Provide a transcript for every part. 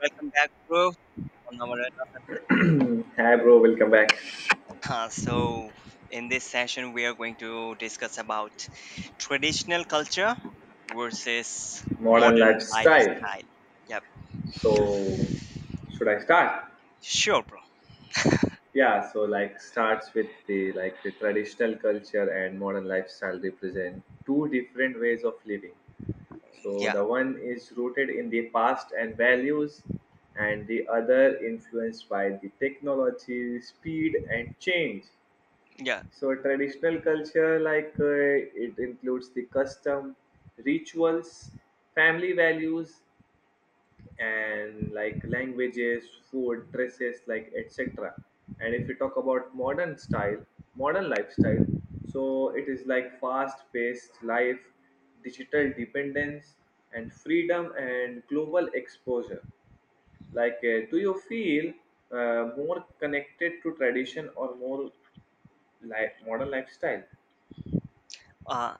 Welcome back, bro, on our another Hi, bro. Welcome back. session. In this session, we are going to discuss about traditional culture versus Modern modern lifestyle. lifestyle. Yep, So, should I start? sure, bro. Yeah. So, starts with the traditional culture and modern lifestyle represent two different ways of living. So, Yeah, the one is rooted in the past and values, and the other influenced by the technology, speed, and change. yeah. So, traditional culture it includes the custom, rituals, family values and like languages, food, dresses, like etc. And if you talk about modern lifestyle, so it is like fast-paced life, digital dependence, and freedom and global exposure. Like, do you feel more connected to tradition or more like modern lifestyle? Uh,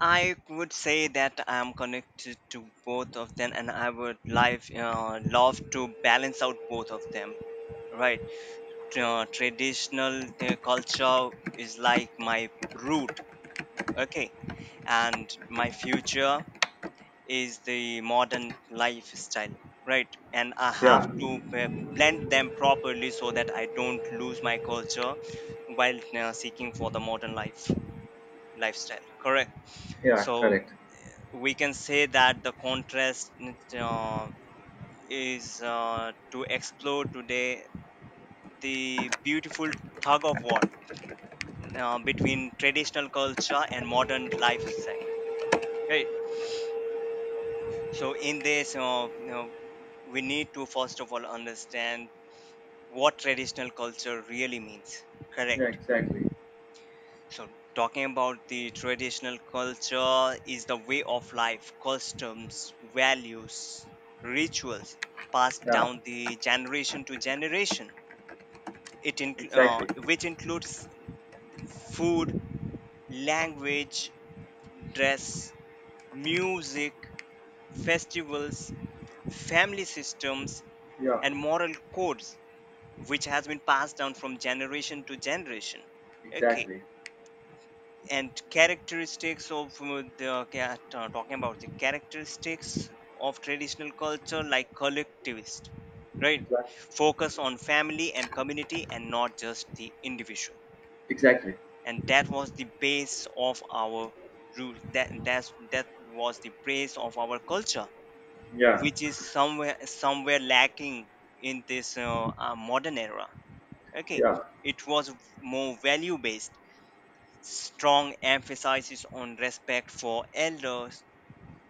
I would say that I'm connected to both of them, and I would live love to balance out both of them. Right, traditional culture is like my root, okay, and my future is the modern lifestyle, right, and I have Yeah, to blend them properly so that I don't lose my culture while seeking for the modern life lifestyle, correct? yeah, So correct. we can say that the contrast uh, is to explore today the beautiful tug of war between traditional culture and modern lifestyle, right? So in this, we need to first of all understand what traditional culture really means. Yeah, Correct. exactly. So, talking about the traditional culture, is the way of life, customs, values, rituals passed Yeah, down the generation to generation. It inc- uh, exactly. which includes food, language, dress, music, festivals, family systems, Yeah, and moral codes, which has been passed down from generation to generation. Okay, exactly. and characteristics of talking about the characteristics of traditional culture, like collectivist, right, Exactly. focus on family and community and not just the individual, Exactly. and that was the base of our rule, that was the base of our culture, Yeah, which is somewhere lacking in this modern era, okay. yeah, It was more value based, strong emphasis on respect for elders,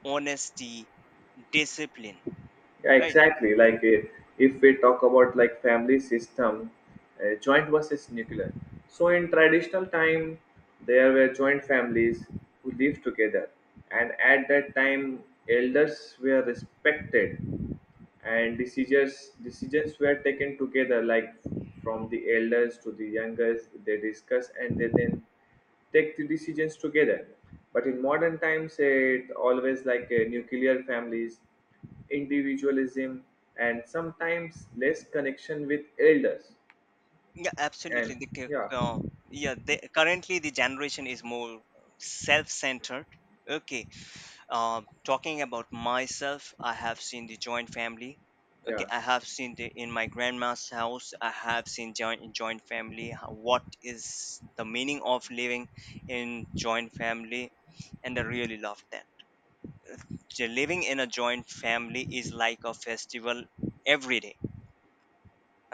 honesty, discipline. yeah, Right? exactly. Like if we talk about like family system, joint versus nuclear. So in traditional time, there were joint families who lived together, and at that time, elders were respected and decisions were taken together, like from the elders to the youngest they discuss and they then take the decisions together. But in modern times it always like nuclear families, individualism, and sometimes less connection with elders. Yeah, absolutely. And The, cu- yeah, yeah, the, Currently the generation is more self-centered. Okay. Talking about myself, I have seen the joint family. Okay, yeah, I have seen the in my grandma's house. I have seen joint family. What is the meaning of living in joint family? And I really loved that. So living in a joint family is like a festival every day,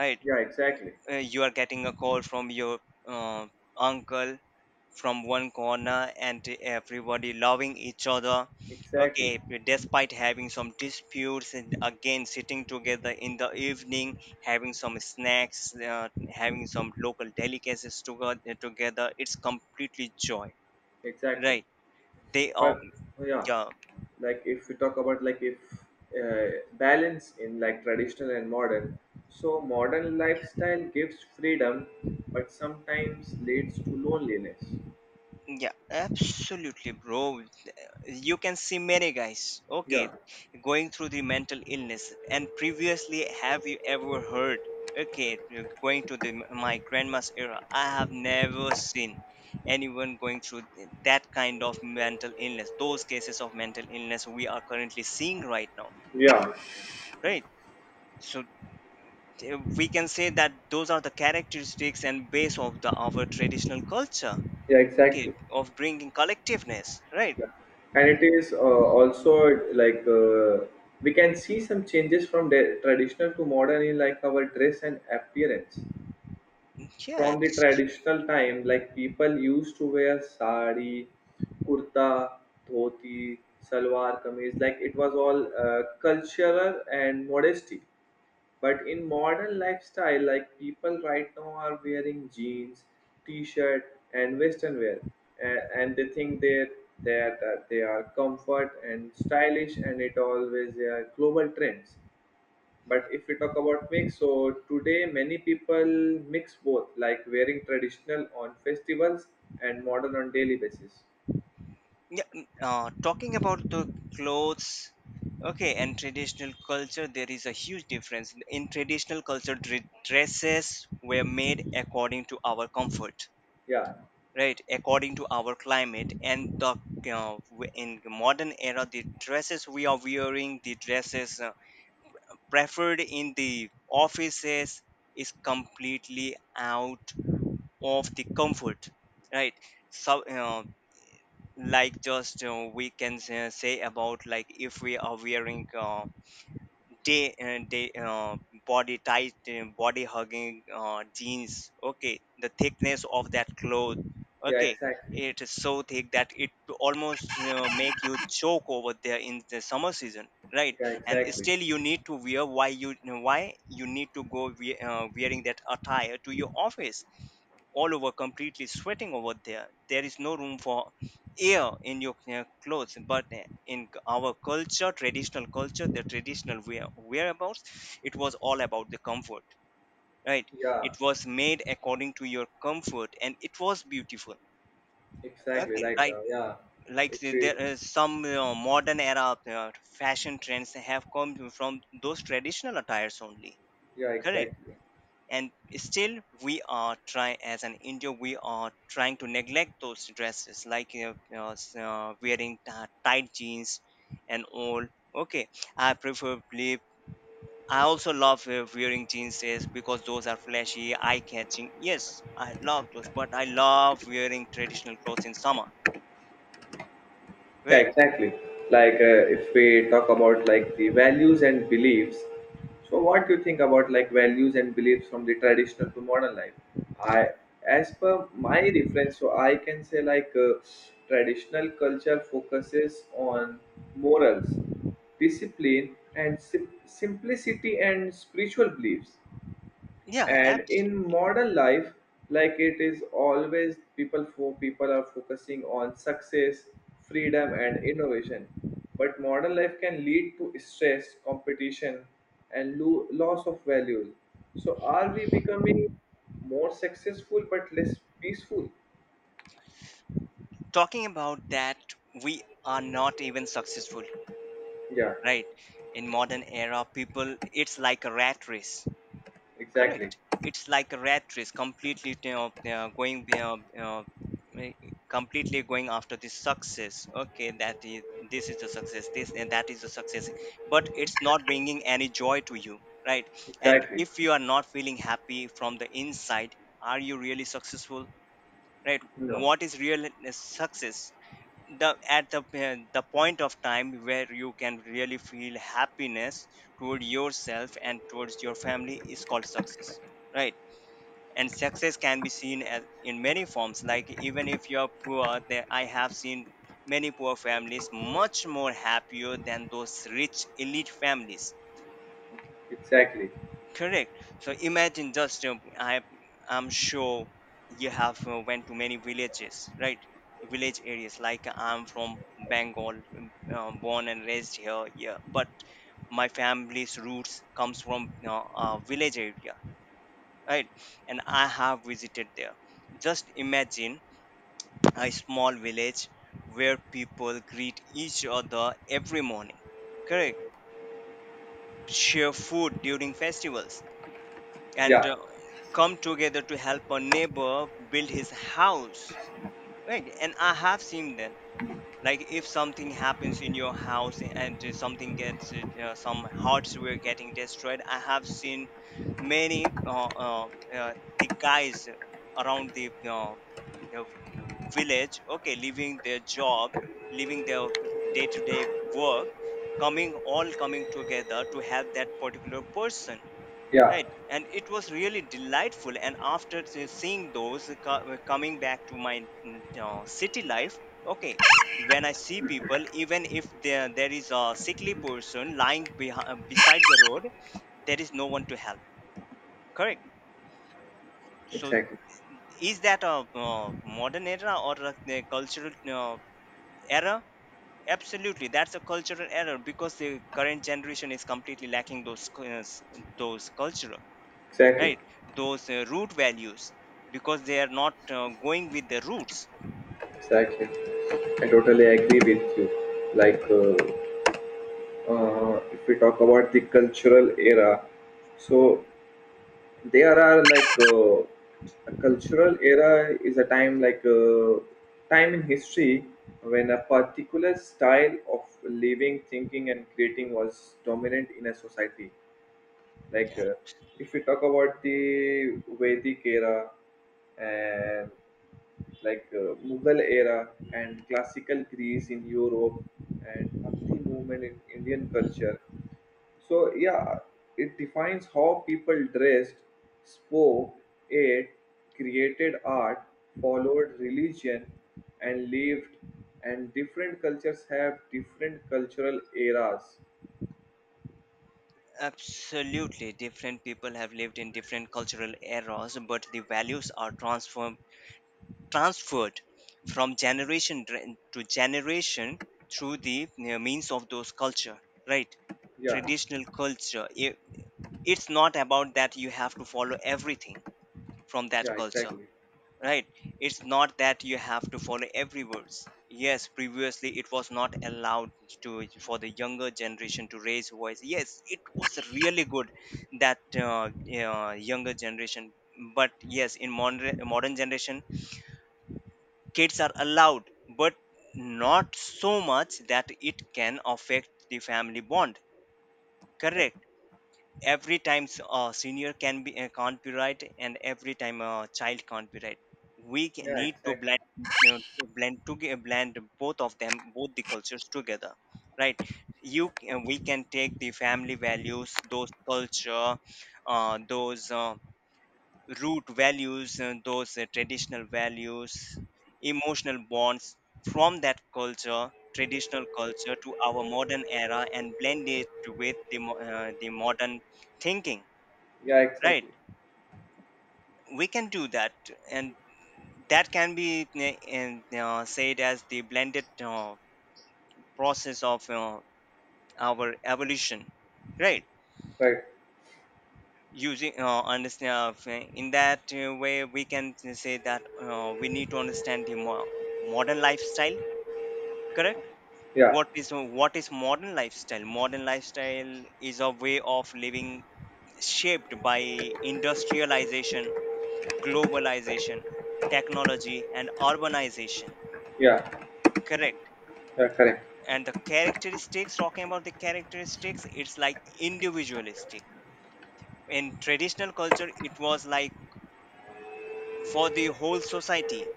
right? yeah, exactly, Uh, you are getting a call from your uh, uncle from one corner, and everybody loving each other, okay, exactly, despite having some disputes, and again sitting together in the evening, having some snacks, having some local delicacies together together, it's completely joy, exactly. right? They But are, yeah, yeah. If we talk about like if balance in like traditional and modern, so modern lifestyle gives freedom but sometimes leads to loneliness. Yeah, absolutely, bro. You can see many guys, okay, Yeah, going through the mental illness, and previously have you ever heard? Okay, you're going to the my grandma's era, I have never seen anyone going through that kind of mental illness, those cases of mental illness we are currently seeing right now, yeah, right? So we can say that those are the characteristics and base of the our traditional culture, yeah, okay, exactly. of bringing collectiveness, right? Yeah, and it is also like uh, we can see some changes from the traditional to modern in like our dress and appearance. yeah From the abs- traditional time like people used to wear sari, kurta, dhoti, salwar kameez, like it was all cultural and modesty. But in modern lifestyle, like people right now are wearing jeans, t-shirt, and western wear. And they think they that they are comfort and stylish, and it always they are global trends. But if we talk about mix, so today many people mix both, like wearing traditional on festivals and modern on daily basis. Yeah, talking about the clothes, okay, and traditional culture, there is a huge difference. In traditional culture, dresses were made according to our comfort, Yeah, right? According to our climate, and the in the modern era, the dresses we are wearing, the dresses preferred in the offices, is completely out of the comfort, right? So, like just we can say about, like, if we are wearing day day body tight body hugging jeans, okay, the thickness of that cloth, yeah, yeah, okay, exactly. it is so thick that it almost make you choke over there in the summer season, right? Yeah, And exactly. still you need to wear. Why you need to go wearing that attire to your office, all over completely sweating over there, there is no room for air in your clothes. But our culture, traditional culture, the traditional wear, whereabouts, it was all about the comfort, right? Yeah, It was made according to your comfort, and it was beautiful. exactly. Okay, Like, right, yeah, like if we, there is some modern era uh, fashion trends have come from those traditional attires only, yeah, correct? exactly. And still we are trying, as an India, we are trying to neglect those dresses, like, you know, s- uh, wearing t- tight jeans and all, okay. I preferably, I also love wearing jeans, is because those are flashy, eye catching, yes, I love those, but I love wearing traditional clothes in summer, Yeah, right? exactly. Like if we talk about like the values and beliefs, so what do you think about like values and beliefs from the traditional to modern life? I, as per my reference, so I can say traditional culture focuses on morals, discipline, and simplicity and spiritual beliefs. yeah ab- And in modern life, like it is always people are focusing on success, freedom, and innovation. But modern life can lead to stress, competition, and loss of value. So are we becoming more successful but less peaceful? Talking about that, we are not even successful, Yeah, right? In modern era, people, it's like a rat race. exactly, Correct. It's like a rat race, completely, you know, eh, completely going after this success. Okay, that is, this is the success. This and that is the success, but it's not bringing any joy to you, right? And exactly. if you are not feeling happy from the inside, are you really successful, right? No, What is real success? The at the point of time where you can really feel happiness toward yourself and towards your family is called success, right? And success can be seen as in many forms, like, even if you're poor. There I have seen many poor families much more happier than those rich elite families. exactly. Correct. So imagine, just I'm sure you have went to many villages, right? Village areas. Like, I'm from Bengal, born and raised here. Yeah, but my family's roots comes from, you know, a village area, right? And I have visited there. Just imagine a small village where people greet each other every morning. Correct. Share food during festivals, and Yeah, come together to help a neighbor build his house, right? And I have seen that, like, if something happens in your house, and something gets some hardware getting destroyed, I have seen many uh, the guys around the uh, village, okay, leaving their job, leaving their day-to-day work, coming all coming together to help that particular person. yeah, Right, and it was really delightful. And after seeing those coming back to my city life, okay, when I see people, even if there is a sickly person lying behind, beside the road, there is no one to help. Correct. So, exactly, is that a modern era, or a cultural error? Absolutely, that's a cultural error, because the current generation is completely lacking those culture. exactly, Right, those root values, because they are not going with the roots. exactly. I totally agree with you. Like. If we talk about the cultural era, so there are a cultural era is a time time in history when a particular style of living, thinking, and creating was dominant in a society. Like Ab- if we talk about the Vedic era and Mughal era and classical Greece in Europe and Bhakti movement in Indian culture. So yeah, it defines how people dressed, spoke, ate, created art, followed religion, and lived. And different cultures have different cultural eras. Absolutely, different people have lived in different cultural eras, but the values are transformed transferred from generation dra- to generation through the means of those culture, right? Yeah, Traditional it's not about that you have to follow everything from that yeah, culture, exactly. right? It's not that you have to follow every words. Yes, previously it was not allowed to for the younger generation to raise voice. Yes, it was really good that younger generation. But yes, in modern generation, kids are allowed, but not so much that it can affect the family bond, correct? Exactly. Senior can't be right, and every time a child can't be right. Yeah, need to exactly. blend, you know, blend both of them, both the cultures together, right? We can take the family values, those culture, those root values, and those traditional values, emotional bonds, from that culture, traditional culture, to our modern era, and blend it with the modern thinking, Yeah, right? exactly. We can do that. And that can be said as the blended process of our evolution, right? Right. In that way, we can say that we need to understand the modern lifestyle, correct? Yeah, What is modern lifestyle? Modern lifestyle is a way of living shaped by industrialization, globalization, technology and urbanization, yeah, correct? yeah, correct. And the characteristics, talking about the characteristics, it's like individualistic. In traditional culture, it was like for the whole society,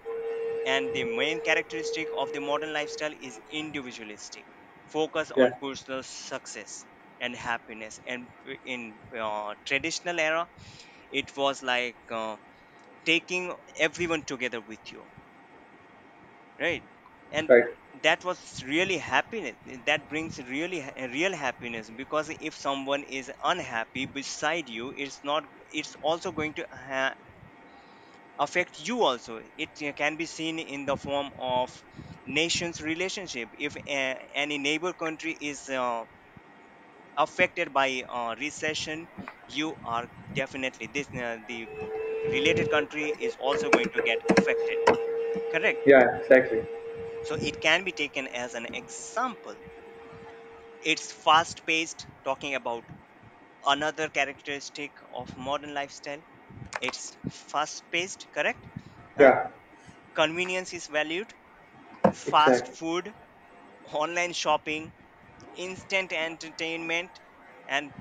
and the main characteristic of the modern lifestyle is individualistic, focus on Yeah, personal success and happiness. And in traditional era, it was like taking everyone together with you, right? And right. that was really happiness. That brings really real happiness, because if someone is unhappy beside you, it's not, it's also going to affect you also. It can be seen in the form of nations relationship. If any neighbor country is affected by recession, you are definitely, this the related country is also going to get affected, correct? Yeah, exactly. So it can be taken as an example. It's fast paced, talking about another characteristic of modern lifestyle, it's fast paced, correct? Huh? Yeah, Convenience is valued. Fast exactly. food, online shopping, instant entertainment, and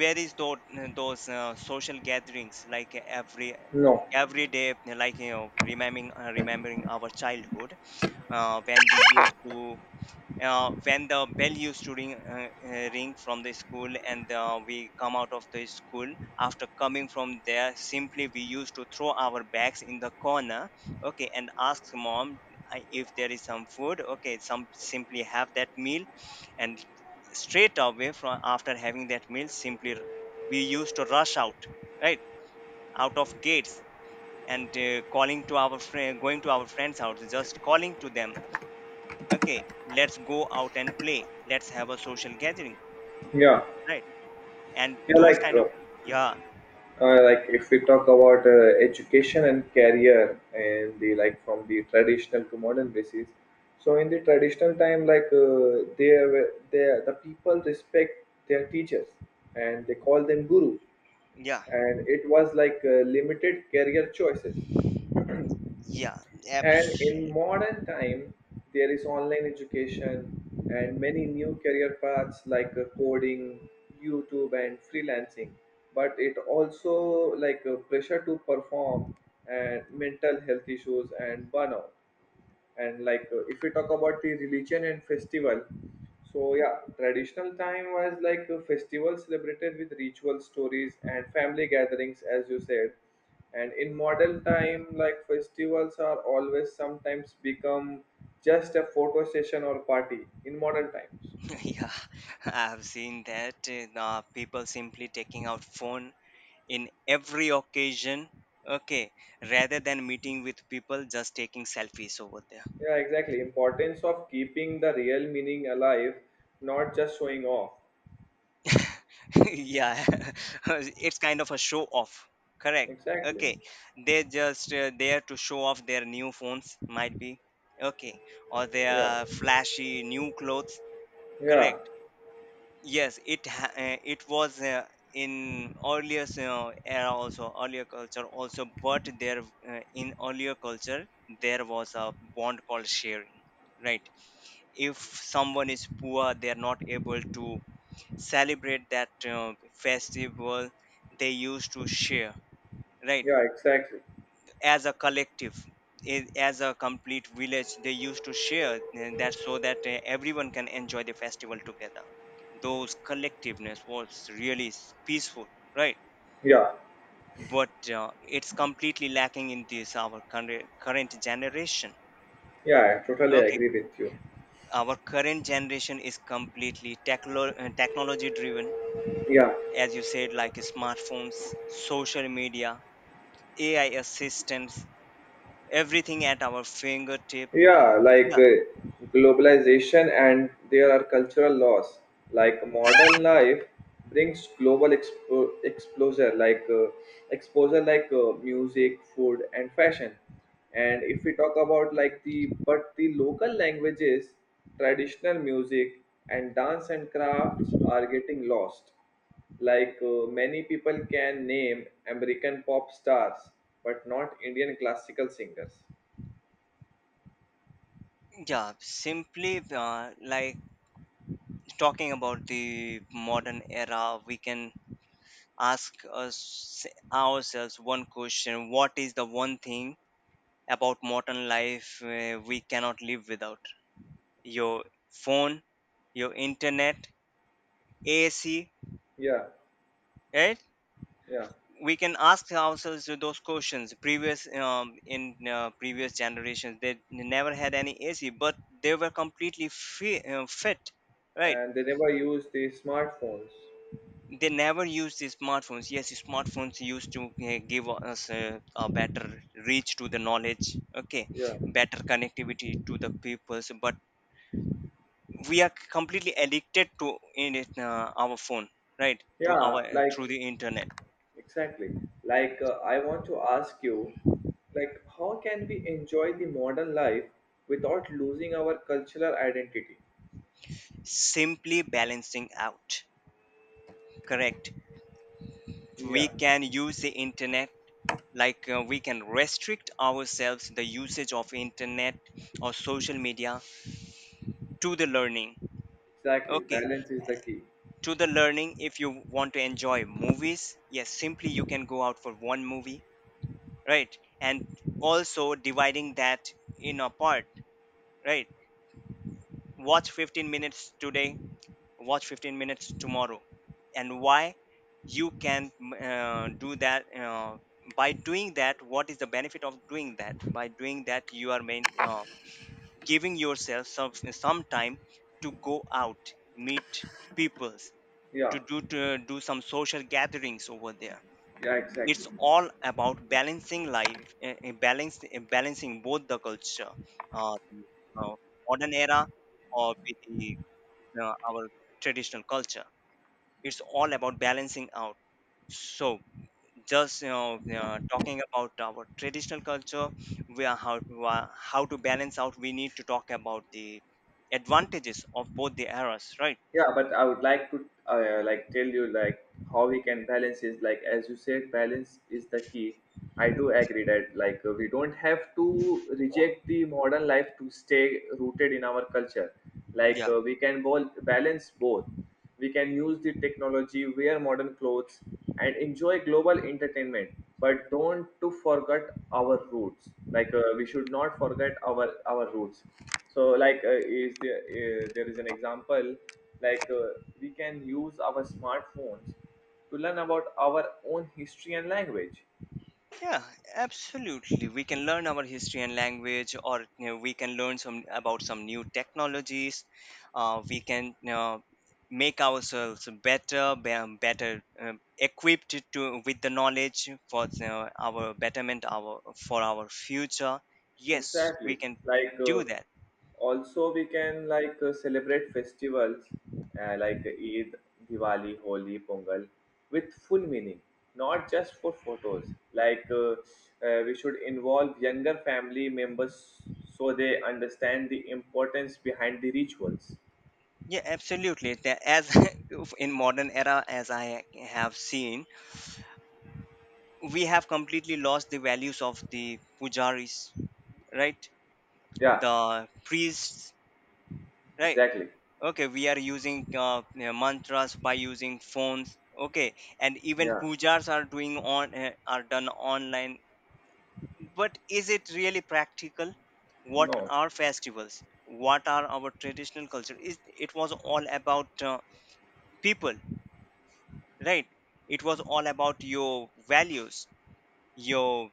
where is those social gatherings like every No. every day, remembering remembering our childhood. When we used to when the bell used to ring from the school and we come out of the school. After coming from there simply we used to throw our bags in the corner. Okay, and ask mom, if there is some food, okay, some simply have that meal. And straight away from after having that meal simply we used to rush out, right, out of gates. And calling to our friend, going to our friends house, just calling to them, okay, let's go out and play, let's have a social gathering, Yeah, right? And yeah, those kind of, yeah. If we talk about education and career and the like from the traditional to modern basis. So in the traditional time like they were they the people respect their teachers and they call them guru, yeah and it was limited career choices. yeah And in abs- modern time, there is online education and many new career paths like coding, YouTube, and freelancing. But it also pressure to perform and mental health issues and burnout. And if we talk about the religion and festival, so yeah, traditional time was like a festival celebrated with ritual stories and family gatherings, as you said. And in modern time, like festivals are always sometimes become just a photo session or party in modern times. yeah, I've seen that. People simply taking out phone in every occasion, okay, rather than meeting with people, just taking selfies over there. Yeah, exactly, importance of keeping the real meaning alive, not just showing off. Yeah, it's kind of a show off, correct? Exactly. Okay, they're just there to show off their new phones, might be, okay, or Yeah. their flashy new clothes, Yeah. correct? Yes it ha- uh, it was uh, in earlier uh, era also, earlier culture also, but there, in earlier culture there was a bond called sharing, right? If someone is poor, they are not able to celebrate that festival, they used to share, right? Yeah, exactly. As a collective, as a complete village they used to share, that, so that everyone can enjoy the festival together. Those collectiveness was really peaceful, right? Yeah. But it's completely lacking in this our current generation. Yeah, I totally Okay, agree with you. our current generation is completely technology driven. Yeah, As you said, like smartphones, social media, AI assistants, everything at our fingertip. yeah, Yeah, globalization and there are cultural laws. Like modern life brings global exposure, music, food, and fashion. And if we talk about the local languages, traditional music and dance and crafts are getting lost. Like many people can name American pop stars, but not Indian classical singers. yeah. Simply like talking about the modern era, we can ask us ourselves one question: what is the one thing about modern life we cannot live without? Your phone, your internet, AC. Yeah. Yeah, We can ask ourselves those questions. Previous um, in uh, previous generations they never had any ac, but they were completely fit, right? and they never use the smartphones. They never used the smartphones. Yes, smartphones used to give us a better reach to the knowledge, okay, Yeah, better connectivity to the peoples, but we are completely addicted to in it, our phone, right, to our, yeah, like through the internet. exactly. Like I want to ask you, like how can we enjoy the modern life without losing our cultural identity? Simply balancing out, correct? We Yeah, can use the internet, like we can restrict ourselves the usage of internet or social media to the learning, exactly. okay, Balance is the key. to the learning. If you want to enjoy movies, yes, simply you can go out for one movie, right? And also dividing that in a part, right, watch 15 minutes today, watch 15 minutes tomorrow. And why you can do that. By doing that, what is the benefit of doing that? By doing that, you are giving yourself some time to go out, meet peoples, Yeah, to do some social gatherings over there. yeah, It's exactly. all about balancing life balancing both the culture, uh, the, uh, modern era, or with the, our traditional culture. It's all about balancing out. So, just talking about our traditional culture, we are how to balance out, we need to talk about the advantages of both the eras, right? Yeah, but I would like to tell you like how we can balance is like, as you said, balance is the key. I do agree that we don't have to reject the modern life to stay rooted in our culture. Like Yeah. We can balance both. We can use the technology, wear modern clothes, and enjoy global entertainment, but don't to forget our roots. Like we should not forget our roots. So like there is an example like we can use our smartphones to learn about our own history and language. Yeah, absolutely. We can learn our history and language, or you know, we can learn some about some new technologies. We can make ourselves better, better equipped to with the knowledge for you, our betterment, our, for our future. Yes, we Exactly. can Like do that. also we can celebrate festivals, like Eid, Diwali, Holi, Pongal with full meaning, not just for photos. Like we should involve younger family members so they understand the importance behind the rituals. Yeah, absolutely. As in modern era, as I have seen, we have completely lost the values of the pujaris, right? Yeah, The priests, right? exactly. Okay, we are using mantras by using phones, okay, and even Yeah. pujas are doing on, are done online. But is it really practical? What No. are festivals, what are our traditional culture? Is it was all about people, right? It was all about your values, your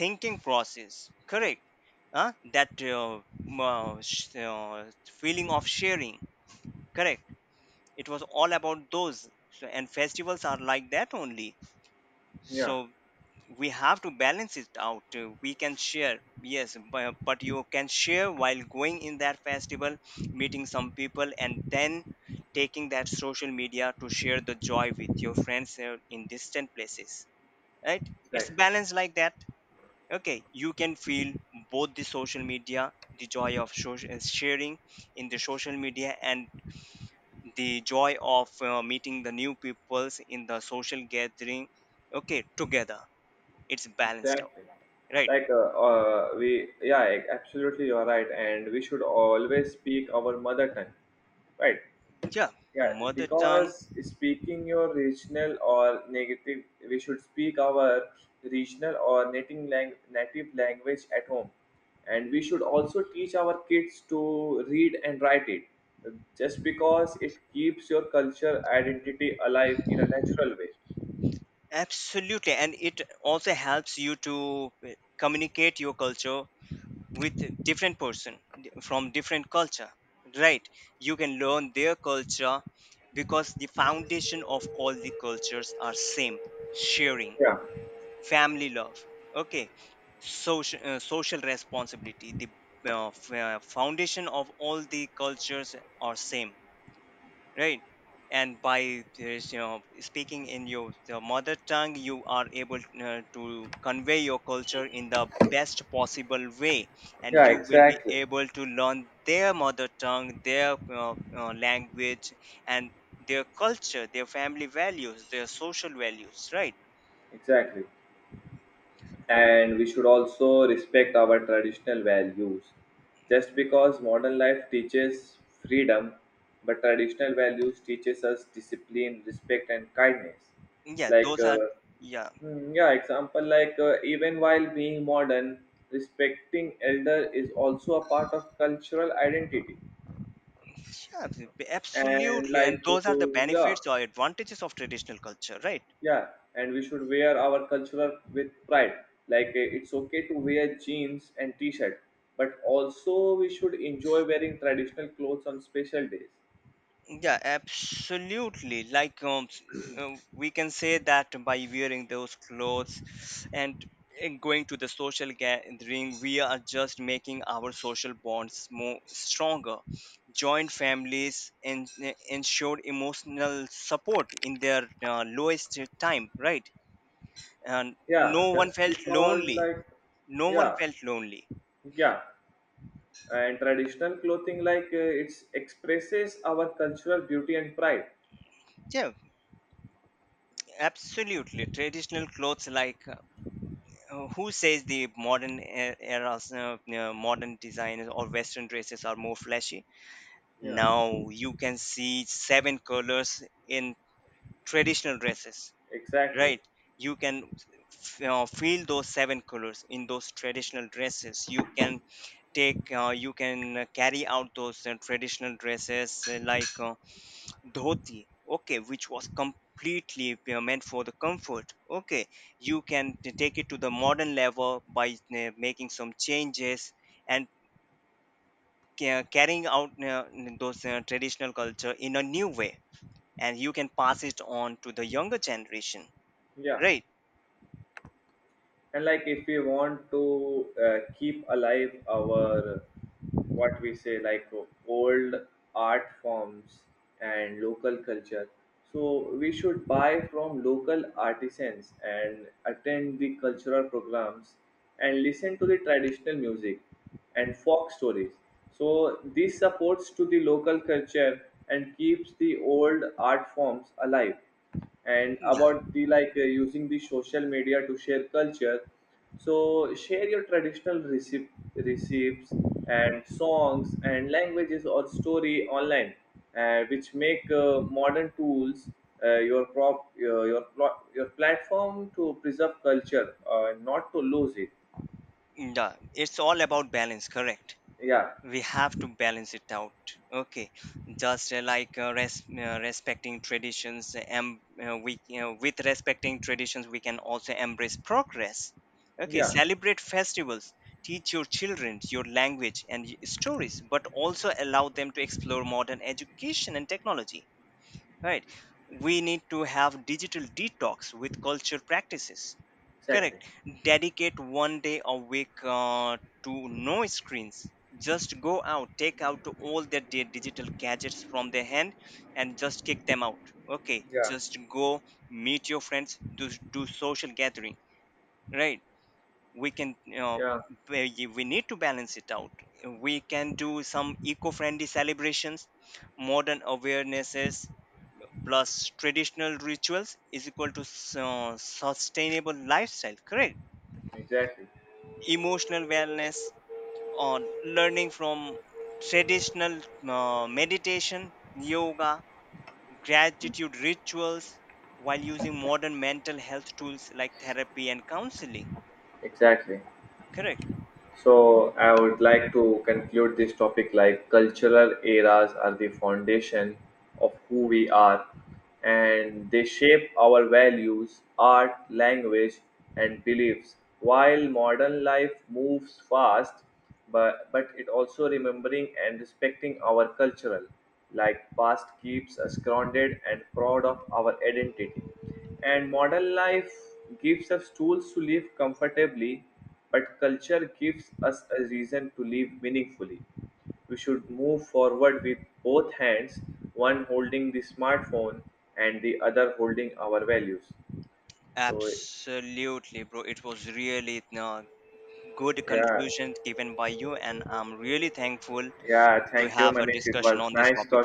thinking process, correct? Huh? That m- uh, sh- uh, feeling of sharing, correct? It was all about those. So, and festivals are like that only. Yeah, So we have to balance it out. We can share, yes, but you can share while going in that festival, meeting some people, and then taking that social media to share the joy with your friends in distant places, right? It's exactly. balanced like that. Okay, you can feel both the social media, the joy of sharing in the social media, and the joy of meeting the new peoples in the social gathering, okay, together. It's balanced out, Exactly. right? Like, we, yeah, absolutely, you're right. And we should always speak our mother tongue, right? Yeah. Yeah, Mother tongue. because speaking your regional or negative, we should speak our regional or native, native language at home. And we should also teach our kids to read and write it, just because it keeps your culture identity alive in a natural way. Absolutely, and it also helps you to uh, communicate your culture with different person, from different culture, right? You can learn their culture, because the foundation of all the cultures are same: sharing, Yeah, family love, okay, social responsibility. The foundation of all the cultures are same, right? And by there's, you know speaking in your mother tongue, you are able to convey your culture in the best possible way, and yeah, you will be exactly, able to learn their mother tongue, their language, and their culture, their family values, their social values, right? exactly. And we should also respect our traditional values. Just because modern life teaches freedom, but traditional values teaches us discipline, respect, and kindness. Yeah, Like those are, yeah. mm, yeah, example like even while being modern, respecting elder is also a part of cultural identity. Yeah, And absolutely. And like those are the yeah, benefits or advantages of traditional culture, right? yeah, and we should wear our cultural with pride. Like it's okay to wear jeans and t-shirt, but also we should enjoy wearing traditional clothes on special days. Yeah, absolutely. Like we can say that by wearing those clothes and and going to the social gathering, we are just making our social bonds more stronger. Joint families and ensure emotional support in their lowest time, right? And Yeah, no one just felt because lonely. like No one yeah, felt lonely. yeah, and traditional clothing it expresses our cultural beauty and pride. Yeah. Absolutely, traditional clothes, like who says the modern eras, modern designs or Western dresses are more flashy? Yeah, Now you can see seven colors in traditional dresses, exactly. right? You can feel those seven colors in those traditional dresses. You can you can carry out those traditional dresses like, dhoti, okay, which was completely you meant for the comfort, okay, you can take it to the modern level by making some changes, and carrying out those traditional culture in a new way, and you can pass it on to the younger generation, Yeah. right? And like if we want to keep alive our what we say like old art forms and local culture, so we should buy from local artisans and attend the cultural programs and listen to the traditional music and folk stories. So this supports to the local culture and keeps the old art forms alive. And Yeah. about the like using the social media to share culture, so share your traditional receipts and songs and languages or story online, which make modern tools your prop your, plo- your platform to preserve culture, not to lose it. Yeah, it's all about balance, correct? Yeah, We have to balance it out, okay. Just respecting traditions and with respecting traditions we can also embrace progress, okay, yeah, celebrate festivals, teach your children your language and stories, but also allow them to explore modern education and technology, right? We need to have digital detox with culture practices, exactly. correct. Dedicate one day a week, to no screens, just go out, take out all their digital gadgets from their hand and just kick them out, okay, Yeah. just go meet your friends, do social gathering, right? We can, you know, Yeah, where we need to balance it out. We can do some eco-friendly celebrations. Modern awarenesses plus traditional rituals is equal to sustainable lifestyle, correct. exactly, Emotional wellness, or learning from traditional meditation, yoga, gratitude rituals while using modern mental health tools like therapy and counseling, exactly. correct. So I would like to conclude this topic like cultural eras are the foundation of who we are and they shape our values, art, language, and beliefs. While modern life moves fast, but it also remembering and respecting our cultural like past keeps us grounded and proud of our identity. And modern life gives us tools to live comfortably, but culture gives us a reason to live meaningfully. We should move forward with both hands, one holding the smartphone and the other holding our values. So, Absolutely, bro, it was really uh, good yeah, conclusion given by you and I'm really thankful yeah, to thank you, have a Manish. It discussion was on this nice topic. talking.